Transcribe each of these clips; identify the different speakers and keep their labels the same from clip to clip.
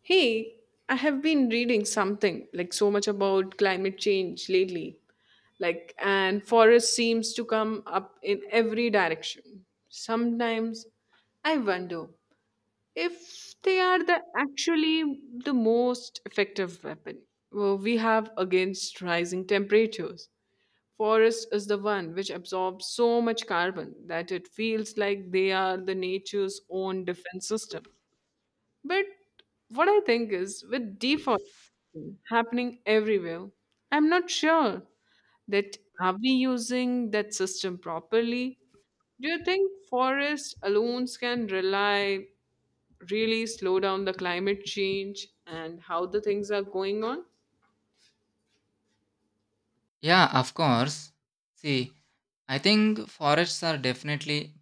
Speaker 1: Hey, I have been reading something like so much about climate change lately. Like, and forest seems to come up in every direction. Sometimes I wonder if they are the actually the most effective weapon we have against rising temperatures. Forest is the one which absorbs so much carbon that it feels like they are the nature's own defense system. But what I think is, with deforestation happening everywhere, I'm not sure that are we using that system properly? Do you think forests alone can rely really slow down the climate change and how the things are going on?
Speaker 2: Yeah, of course. See, I think forests are definitely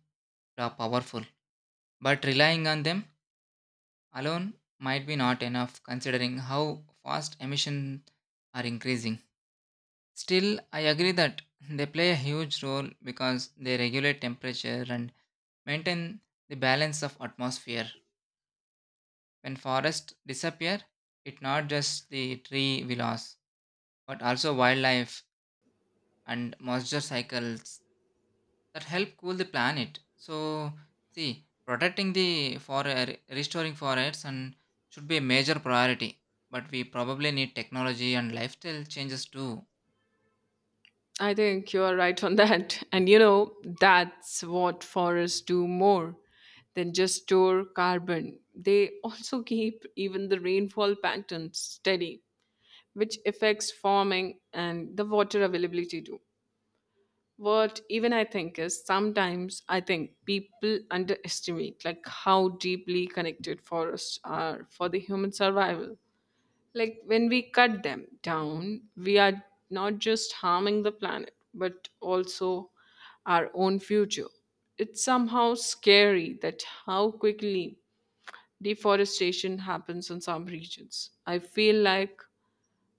Speaker 2: powerful, but relying on them alone might be not enough considering how fast emissions are increasing. Still, I agree that they play a huge role because they regulate temperature and maintain the balance of atmosphere. When forests disappear, it's not just the tree we lost, but also wildlife and moisture cycles that help cool the planet. So, see, protecting the forest, restoring forests, and should be a major priority. But we probably need technology and lifestyle changes too.
Speaker 1: I think you are right on that. And that's what forests do more than just store carbon. They also keep even the rainfall patterns steady, which affects farming and the water availability too. What even I think is sometimes I think people underestimate, like, how deeply connected forests are for the human survival. Like when we cut them down, we are not just harming the planet, but also our own future. It's somehow scary that how quickly deforestation happens in some regions. I feel like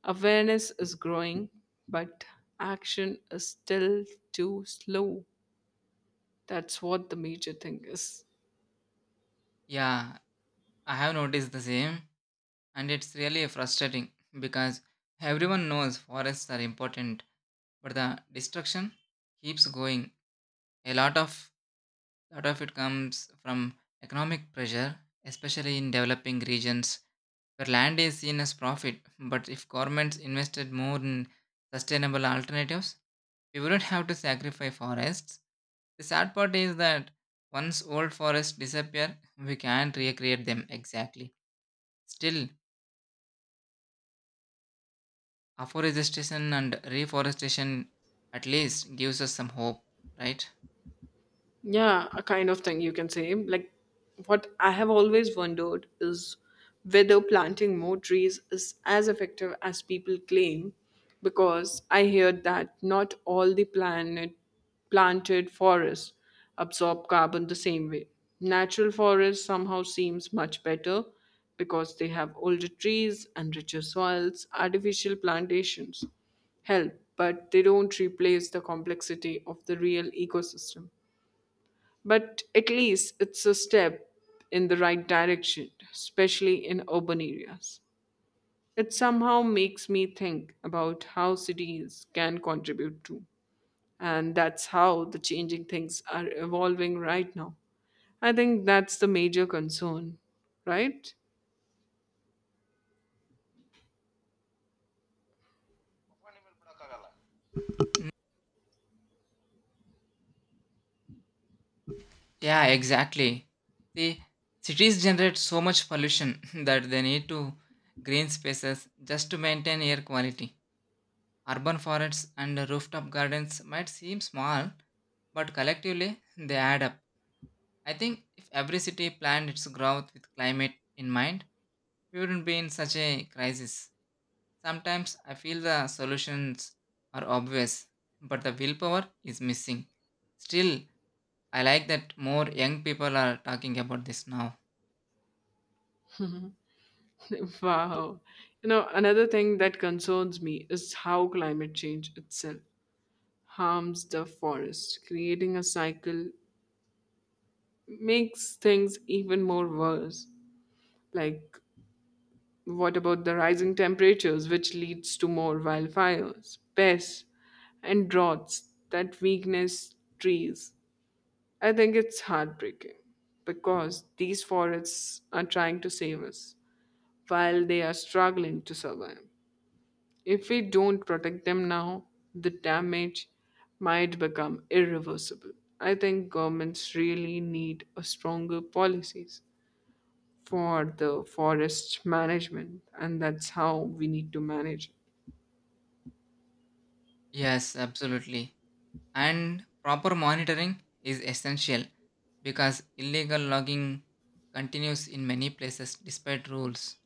Speaker 1: awareness is growing, but action is still too slow. That's what the major thing is.
Speaker 2: Yeah, I have noticed the same, and it's really frustrating because everyone knows forests are important, but the destruction keeps going. A lot of it comes from economic pressure, especially in developing regions where land is seen as profit. But if governments invested more in sustainable alternatives, we wouldn't have to sacrifice forests. The sad part is that once old forests disappear, we can't recreate them exactly. Still, afforestation and reforestation at least gives us some hope, right?
Speaker 1: Yeah, a kind of thing you can say. Like, what I have always wondered is whether planting more trees is as effective as people claim, because I hear that not all the planet planted forests absorb carbon the same way. Natural forests somehow seems much better because they have older trees and richer soils. Artificial plantations help, but they don't replace the complexity of the real ecosystem. But at least it's a step in the right direction, especially in urban areas. It somehow makes me think about how cities can contribute to. And that's how the changing things are evolving right now. I think that's the major concern, right?
Speaker 2: Yeah, exactly. See, cities generate so much pollution that they need to green spaces just to maintain air quality. Urban forests and rooftop gardens might seem small, but collectively they add up. I think if every city planned its growth with climate in mind, we wouldn't be in such a crisis. Sometimes I feel the solutions are obvious, but the willpower is missing. Still, I like that more young people are talking about this now.
Speaker 1: Wow. Another thing that concerns me is how climate change itself harms the forest. Creating a cycle makes things even more worse. Like, what about the rising temperatures, which leads to more wildfires, pests, and droughts that weakness trees? I think it's heartbreaking because these forests are trying to save us while they are struggling to survive. If we don't protect them now, the damage might become irreversible. I think governments really need a stronger policies for the forest management, and that's how we need to manage.
Speaker 2: Yes, absolutely. And proper monitoring is essential because illegal logging continues in many places despite rules.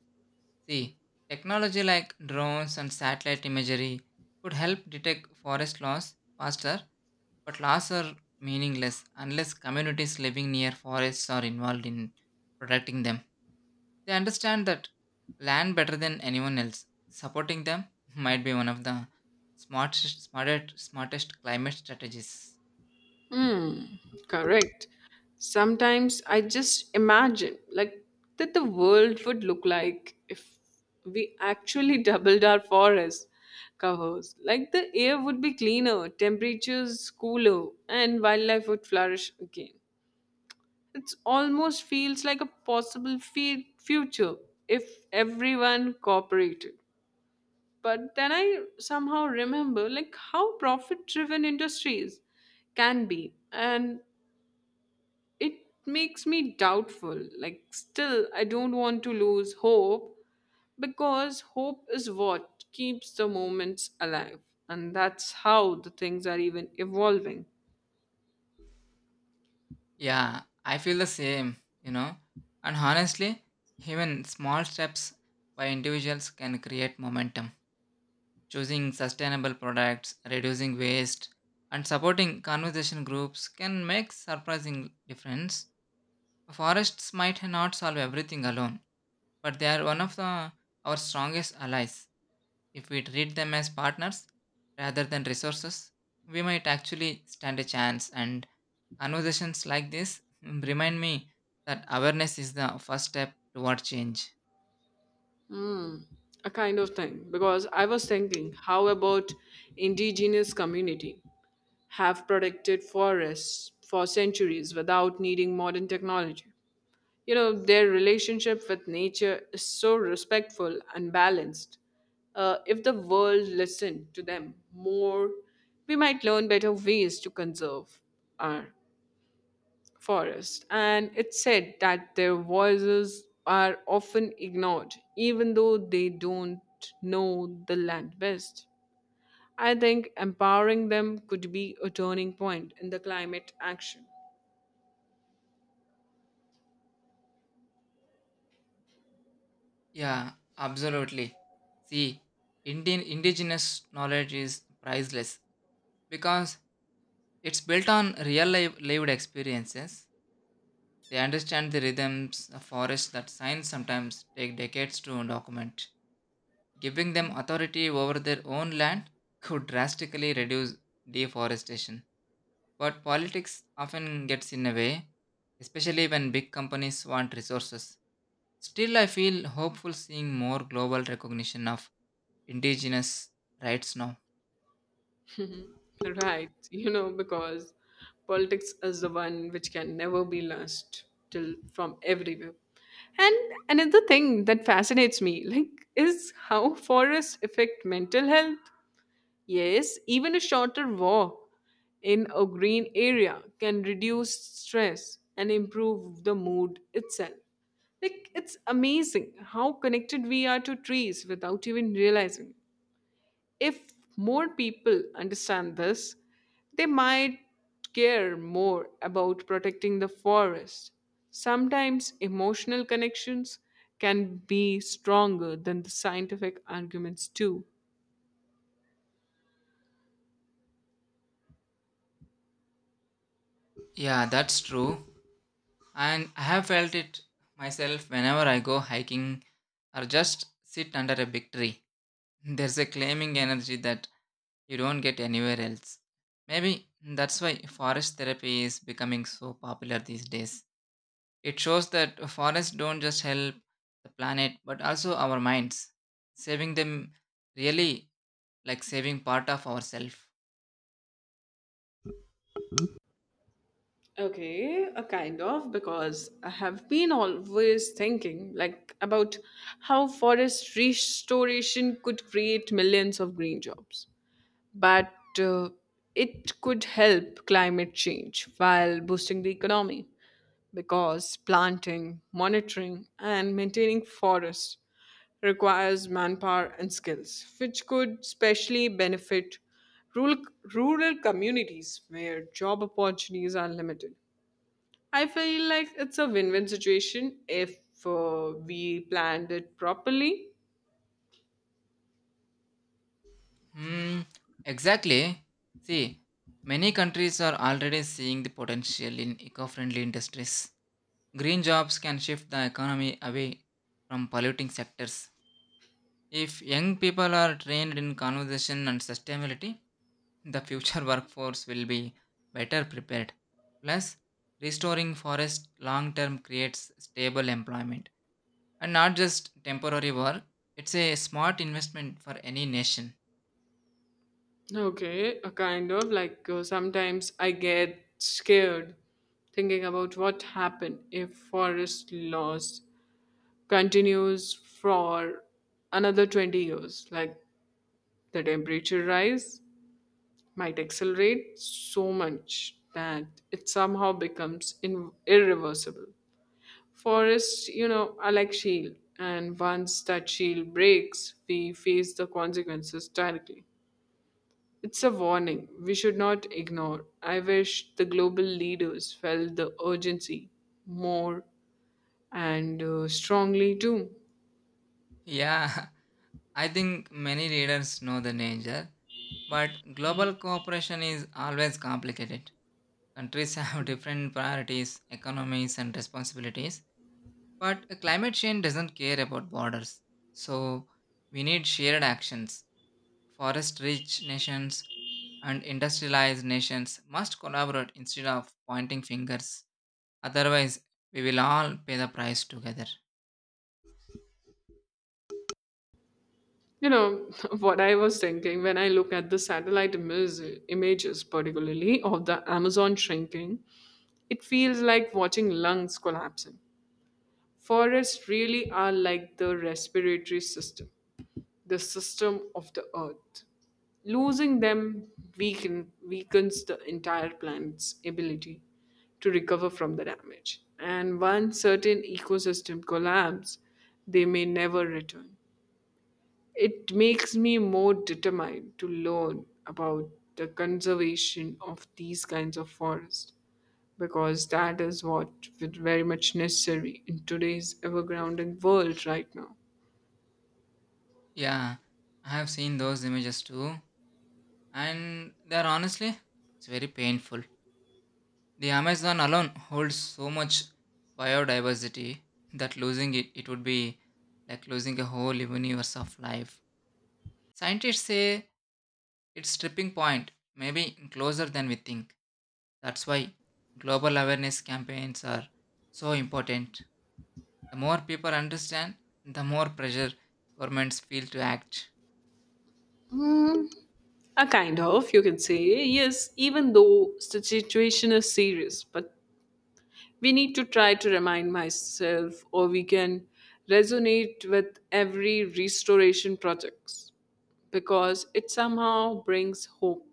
Speaker 2: See, technology like drones and satellite imagery could help detect forest loss faster, but laws are meaningless unless communities living near forests are involved in protecting them. They understand that land better than anyone else. Supporting them might be one of the smartest climate strategies.
Speaker 1: Hmm. Correct. Sometimes I just imagine, like, that the world would look like if we actually doubled our forest covers. Like the air would be cleaner, temperatures cooler, and wildlife would flourish again. It almost feels like a possible future if everyone cooperated. But then I somehow remember, like, how profit driven industries can be, and it makes me doubtful. Like, still I don't want to lose hope, because hope is what keeps the moments alive. And that's how the things are even evolving.
Speaker 2: Yeah, I feel the same, you know. And honestly, even small steps by individuals can create momentum. Choosing sustainable products, reducing waste, and supporting conservation groups can make surprising difference. Forests might not solve everything alone, but they are one of our strongest allies. If we treat them as partners rather than resources, we might actually stand a chance. And conversations like this remind me that awareness is the first step toward change.
Speaker 1: Hmm, a kind of thing because I was thinking how about indigenous community have protected forests for centuries without needing modern technology. Their relationship with nature is so respectful and balanced. If the world listened to them more, we might learn better ways to conserve our forest. And it's said that their voices are often ignored, even though they don't know the land best. I think empowering them could be a turning point in the climate action.
Speaker 2: Yeah, absolutely. See, Indian indigenous knowledge is priceless because it's built on real life lived experiences. They understand the rhythms of forests that science sometimes take decades to document. Giving them authority over their own land could drastically reduce deforestation. But politics often gets in the way, especially when big companies want resources. Still, I feel hopeful seeing more global recognition of indigenous rights now.
Speaker 1: Right, because politics is the one which can never be lost till from everywhere. And another thing that fascinates me, like, is how forests affect mental health. Yes, even a shorter walk in a green area can reduce stress and improve the mood itself. Like, it's amazing how connected we are to trees without even realizing. If more people understand this, they might care more about protecting the forest. Sometimes emotional connections can be stronger than the scientific arguments, too.
Speaker 2: Yeah, that's true. And I have felt it myself whenever I go hiking or just sit under a big tree. There's a claiming energy that you don't get anywhere else. Maybe that's why forest therapy is becoming so popular these days. It shows that forests don't just help the planet but also our minds. Saving them really like saving part of ourselves.
Speaker 1: Okay, a kind of because I have been always thinking like about how forest restoration could create millions of green jobs. But uh, it could help climate change while boosting the economy, because planting, monitoring, and maintaining forests requires manpower and skills, which could especially benefit rural, rural communities where job opportunities are limited. I feel like it's a win win situation if we planned it properly.
Speaker 2: Hmm, exactly. See, many countries are already seeing the potential in eco friendly industries. Green jobs can shift the economy away from polluting sectors. If young people are trained in conservation and sustainability, the future workforce will be better prepared. Plus, restoring forests long term creates stable employment and not just temporary work. It's a smart investment for any nation.
Speaker 1: Okay, a kind of like sometimes I get scared thinking about what happened if forest loss continues for another 20 years. Like the temperature rise might accelerate so much that it somehow becomes irreversible. Forests are like shield, and once that shield breaks, we face the consequences directly. It's a warning we should not ignore. I wish the global leaders felt the urgency more and strongly too.
Speaker 2: Yeah. I think many readers know the danger, but global cooperation is always complicated. Countries have different priorities, economies, and responsibilities, but climate change doesn't care about borders. So, we need shared actions. Forest rich nations and industrialized nations must collaborate instead of pointing fingers. Otherwise, we will all pay the price together.
Speaker 1: You know, what I was thinking when I look at the satellite images, particularly of the Amazon shrinking, it feels like watching lungs collapsing. Forests really are like the respiratory system, the system of the earth. Losing them weakens the entire planet's ability to recover from the damage. And once certain ecosystem collapse, they may never return. It makes me more determined to learn about the conservation of these kinds of forests, because that is what is very much necessary in today's ever-grounding world right now.
Speaker 2: Yeah, I have seen those images too. And they're honestly, it's very painful. The amazon alone holds so much biodiversity that losing it would be like losing a whole universe of life. Scientists say it's tipping point maybe closer than we think. That's why global awareness campaigns are so important. The more people understand, the more pressure governments feel to act.
Speaker 1: Hmm, A kind of, you can say, yes, even though the situation is serious, but we need to try to remind myself, or we can resonate with every restoration projects, because it somehow brings hope.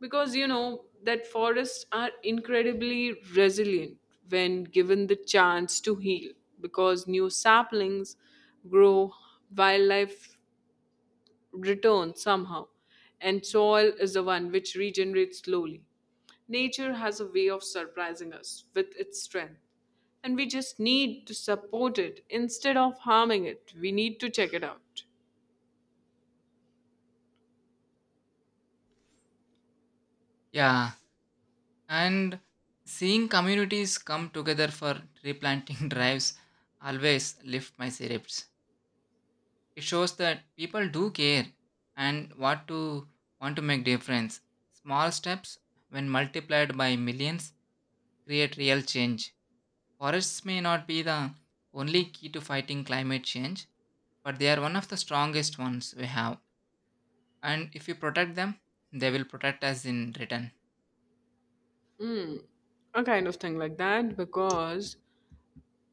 Speaker 1: Because you know that forests are incredibly resilient when given the chance to heal, because new saplings grow, wildlife return somehow, and soil is the one which regenerates slowly. Nature has a way of surprising us with its strength, and we just need to support it instead of harming it. We need to check it out.
Speaker 2: Yeah, and seeing communities come together for tree planting drives always lift my spirits. It shows that people do care and what to want to make difference. Small steps, when multiplied by millions, create real change. Forests may not be the only key to fighting climate change, but they are one of the strongest ones we have. And if you protect them, they will protect us in return.
Speaker 1: A kind of thing like that because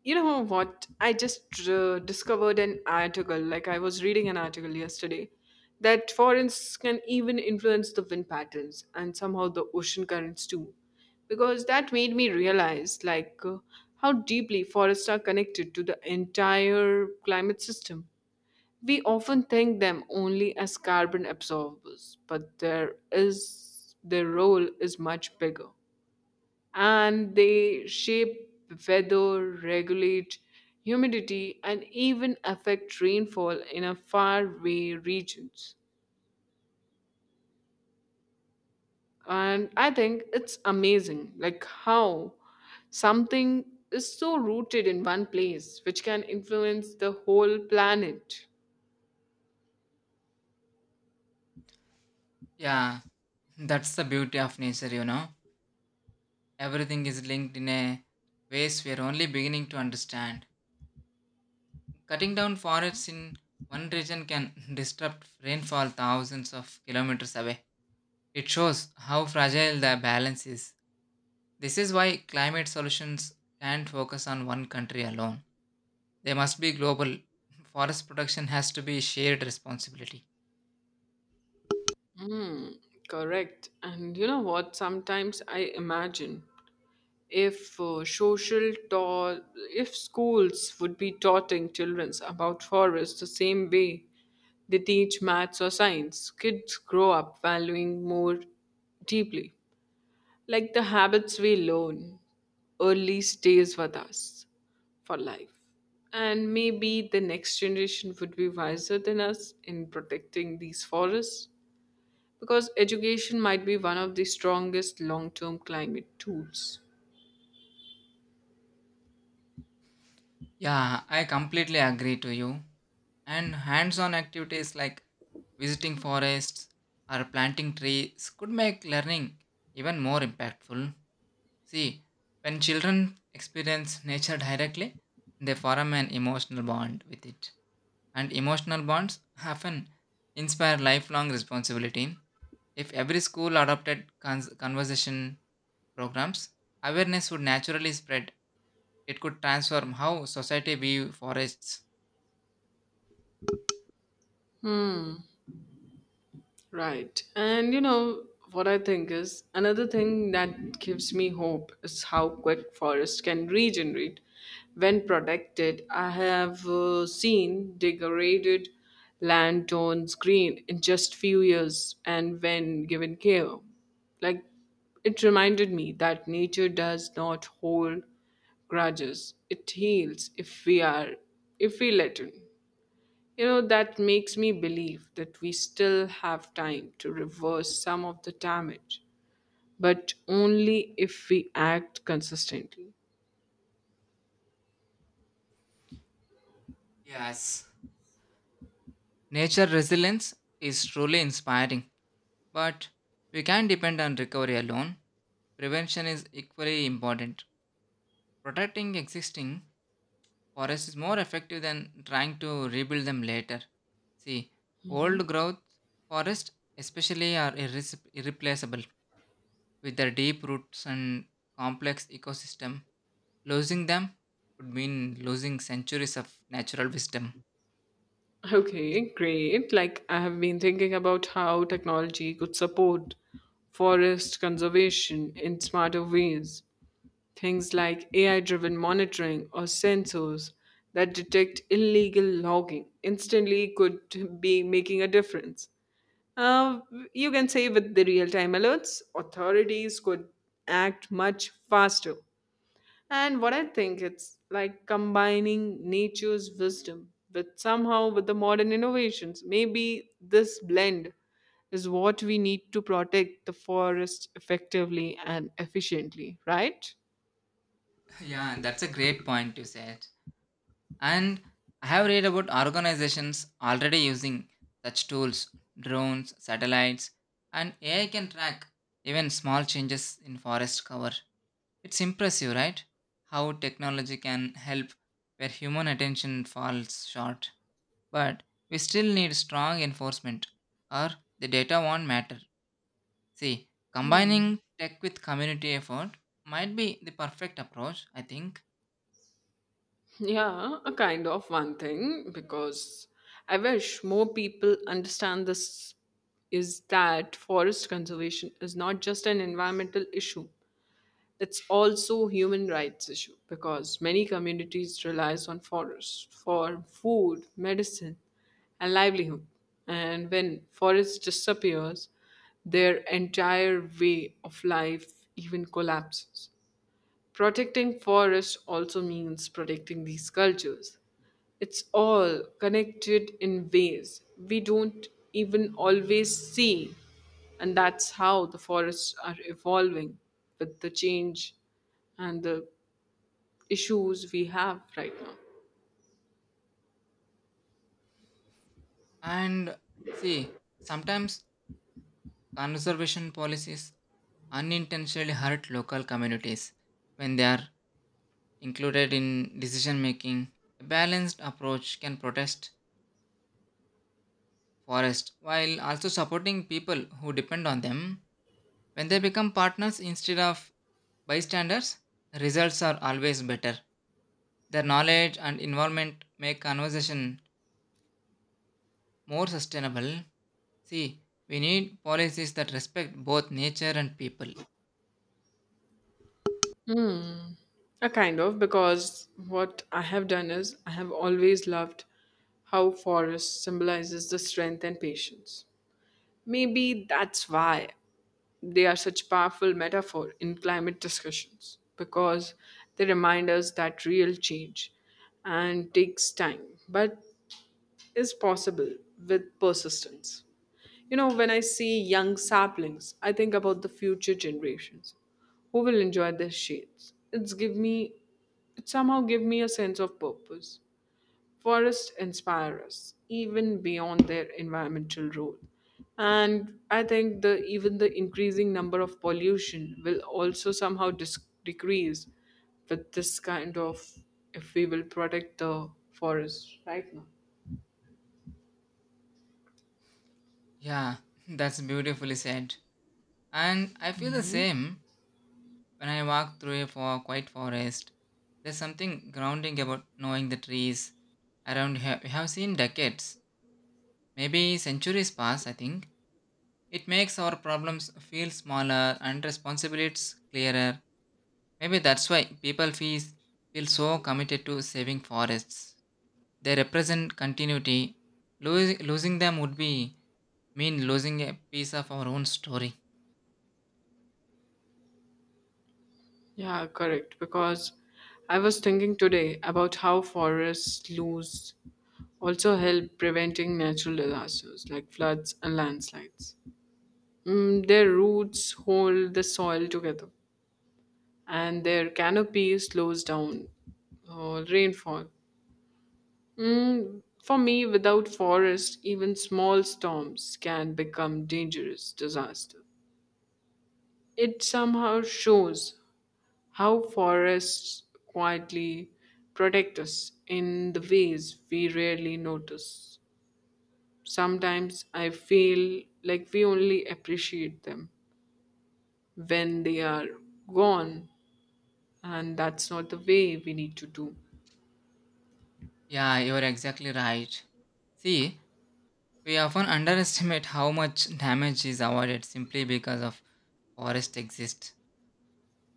Speaker 1: you know what? I just discovered an article, like I was reading an article yesterday, that forests can even influence the wind patterns and somehow the ocean currents too. Because that made me realize, like, how deeply forests are connected to the entire climate system. We often think them only as carbon absorbers, but there is their role is much bigger, and they shape weather, regulate humidity, and even affect rainfall in a faraway regions. And I think it's amazing, like how something is so rooted in one place, which can influence the whole planet.
Speaker 2: Yeah, that's the beauty of nature, you know. Everything is linked in a ways we are only beginning to understand. Cutting down forests in one region can disrupt rainfall thousands of kilometers away. It shows how fragile the balance is. This is why climate solutions can't focus on one country alone. They must be global. Forest protection has to be shared responsibility.
Speaker 1: Hmm, correct. And you know what? Sometimes I imagine if social ta- if schools would be taughting children about forests the same way they teach maths or science. Kids grow up valuing more deeply, like the habits we learn early stays with us for life. And maybe the next generation would be wiser than us in protecting these forests, because education might be one of the strongest long-term climate tools.
Speaker 2: Yeah, I completely agree to you. And hands on activities like visiting forests or planting trees could make learning even more impactful. See, when children experience nature directly, they form an emotional bond with it. And emotional bonds often inspire lifelong responsibility. If every school adopted conversation programs, awareness would naturally spread. It could transform how society view forests.
Speaker 1: Right. And you know what I think is another thing that gives me hope is how quick forests can regenerate when protected. I have seen degraded land turns green in just few years and when given care. Like it reminded me that nature does not hold grudges. It heals if we let it. That makes me believe that we still have time to reverse some of the damage, but only if we act consistently.
Speaker 2: Yes. Nature resilience is truly inspiring, but we can't depend on recovery alone. Prevention is equally important. Protecting existing forests is more effective than trying to rebuild them later. See, old growth forests, especially, are irreplaceable with their deep roots and complex ecosystem. Losing them would mean losing centuries of natural wisdom.
Speaker 1: Okay, great. Like, I have been thinking about how technology could support forest conservation in smarter ways. Things like AI driven monitoring or sensors that detect illegal logging instantly could be making a difference. Uh, you can say with the real time alerts, authorities could act much faster. And what I think it's like combining nature's wisdom with somehow with the modern innovations. Maybe this blend is what we need to protect the forest effectively and efficiently, right?
Speaker 2: Yeah, that's a great point you said. And I have read about organizations already using such tools, drones, satellites, and AI can track even small changes in forest cover. It's impressive, right? How technology can help where human attention falls short. But we still need strong enforcement, or the data won't matter. See, combining tech with community effort might be the perfect approach, I think.
Speaker 1: Yeah, a kind of one thing because I wish more people understand this is that forest conservation is not just an environmental issue. It's also human rights issue because many communities relies on forests for food, medicine, and livelihood. And when forest disappears, their entire way of life even collapses. Protecting forests also means protecting these cultures. It's all connected in ways we don't even always see. And that's how the forests are evolving with the change and the issues we have right now.
Speaker 2: And see, sometimes conservation policies unintentionally hurt local communities when they are included in decision making. A balanced approach can protect forests while also supporting people who depend on them. When they become partners instead of bystanders, results are always better. Their knowledge and involvement make conversation more sustainable. See, we need policies that respect both nature and people.
Speaker 1: A kind of, because what I have done is I have always loved how forest symbolizes the strength and patience. Maybe that's why they are such powerful metaphor in climate discussions because they remind us that real change and takes time but is possible with persistence. When I see young saplings, I think about the future generations who will enjoy their shades. It somehow give me a sense of purpose. Forests inspire us even beyond their environmental role. And I think the even the increasing number of pollution will also somehow decrease with this kind of if we will protect the forests right now.
Speaker 2: Yeah, that's beautifully said. And I feel the same when I walk through a quiet forest. There's something grounding about knowing the trees around here. We have seen decades, maybe centuries pass, I think. It makes our problems feel smaller and responsibilities clearer. Maybe that's why people feel so committed to saving forests. They represent continuity. Losing them would be mean losing a piece of our own story.
Speaker 1: Yeah, correct. Because I was thinking today about how forests lose also help preventing natural disasters like floods and landslides. Their roots hold the soil together, and their canopy slows down rainfall. For me, without forest, even small storms can become dangerous disaster. It somehow shows how forests quietly protect us in the ways we rarely notice. Sometimes I feel like we only appreciate them when they are gone, and that's not the way we need to do.
Speaker 2: Yeah, you're exactly right. See, we often underestimate how much damage is avoided simply because of forest exist.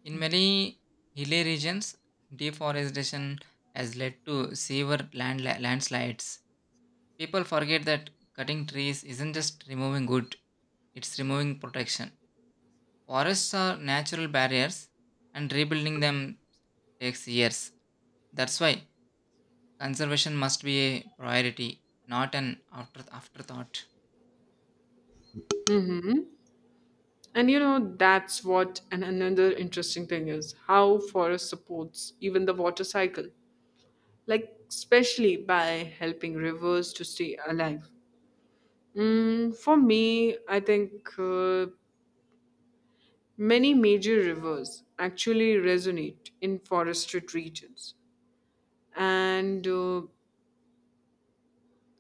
Speaker 2: In many hilly regions, deforestation has led to severe landslides. People forget that cutting trees isn't just removing wood, it's removing protection. Forests are natural barriers and rebuilding them takes years. That's why conservation must be a priority, not an afterthought.
Speaker 1: Mm-hmm. And that's what and another interesting thing is how forest supports even the water cycle, like especially by helping rivers to stay alive. For me, I think many major rivers actually resonate in forested regions, and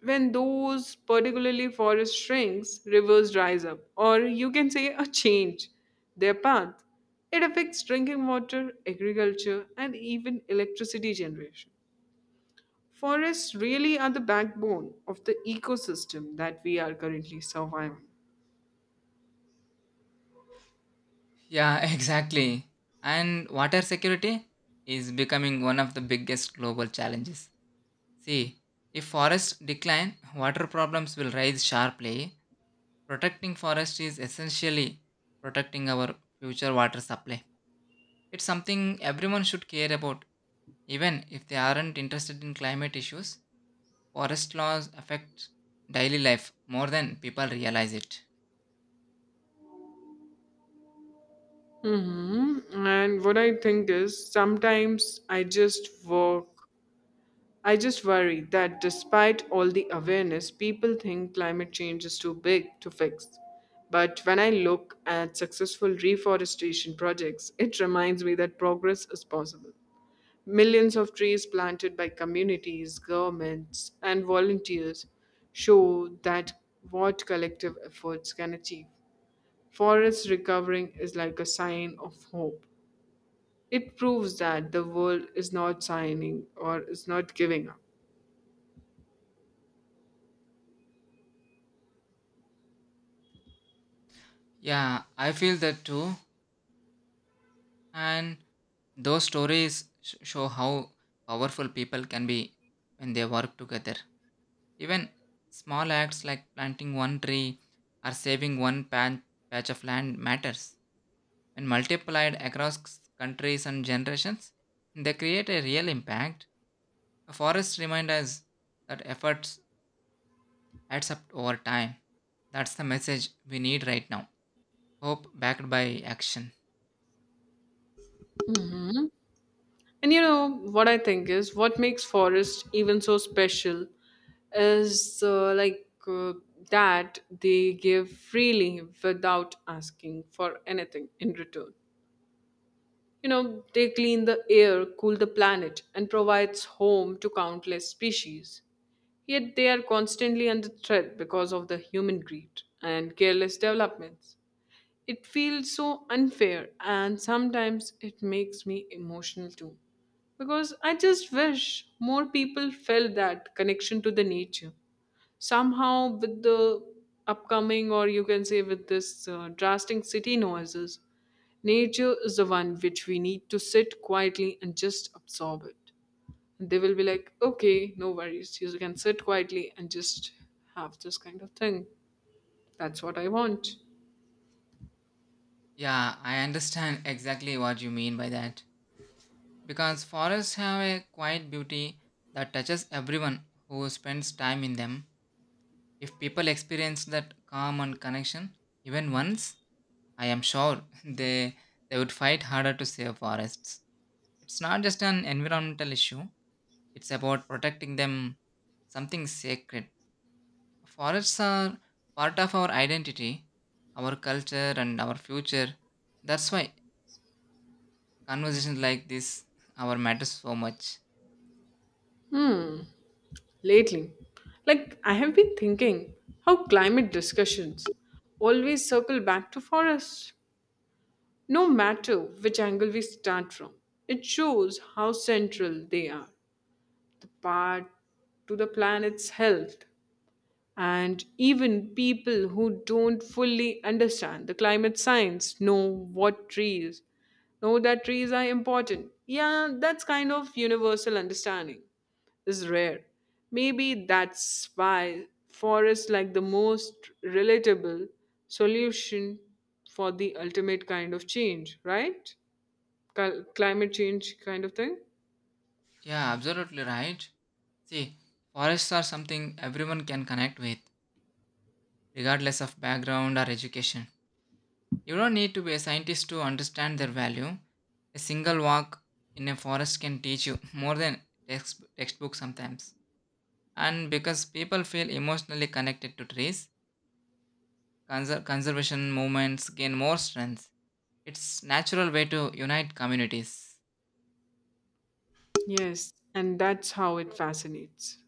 Speaker 1: when those particularly forest shrinks, rivers rise up, or you can say a change their path. It affects drinking water, agriculture, and even electricity generation. Forests really are the backbone of the ecosystem that we are currently surviving.
Speaker 2: Yeah, exactly. And water security is becoming one of the biggest global challenges. See, if forests decline, water problems will rise sharply. Protecting forest is essentially protecting our future water supply. It's something everyone should care about. Even if they aren't interested in climate issues, forest laws affect daily life more than people realize it.
Speaker 1: Mhm. And what I think is sometimes I just worry that despite all the awareness, people think climate change is too big to fix. But when I look at successful reforestation projects, it reminds me that progress is possible. Millions of trees planted by communities, governments, and volunteers show that what collective efforts can achieve. Forest recovering is like a sign of hope. It proves that the world is not signing or is not giving up.
Speaker 2: Yeah, I feel that too. And those stories show how powerful people can be when they work together. Even small acts like planting one tree or saving one patch of land matters. When multiplied across countries and generations, they create a real impact. A forest reminds us that efforts adds up over time. That's the message we need right now. Hope backed by action.
Speaker 1: And you know what I think is what makes forest even so special is like that they give freely without asking for anything in return. They clean the air, cool the planet, and provides home to countless species. Yet they are constantly under threat because of the human greed and careless developments. It feels so unfair, and sometimes it makes me emotional too. Because I just wish more people felt that connection to the nature. Somehow, with the upcoming, or you can say with this drastic city noises, nature is the one which we need to sit quietly and just absorb it. And they will be like, okay, no worries. You can sit quietly and just have this kind of thing. That's what I want.
Speaker 2: Yeah, I understand exactly what you mean by that because forests have a quiet beauty that touches everyone who spends time in them. If people experience that calm and connection even once, I am sure they would fight harder to save forests. It's not just an environmental issue, it's about protecting them something sacred. Forests are part of our identity, our culture and our future. That's why conversations like this our matters so much.
Speaker 1: Hmm. Lately, like I have been thinking how climate discussions always circle back to forests, no matter which angle we start from. It shows how central they are, the part to the planet's health. And even people who don't fully understand the climate science know that trees are important. Yeah, that's kind of universal understanding is rare. Maybe that's why forests like the most relatable solution for the ultimate kind of change, right? Climate change kind of thing.
Speaker 2: Yeah, absolutely right. See, forests are something everyone can connect with, regardless of background or education. You don't need to be a scientist to understand their value. A single walk in a forest can teach you more than textbooks sometimes. And because people feel emotionally connected to trees, conservation movements gain more strength. It's natural way to unite communities.
Speaker 1: Yes, and that's how it fascinates.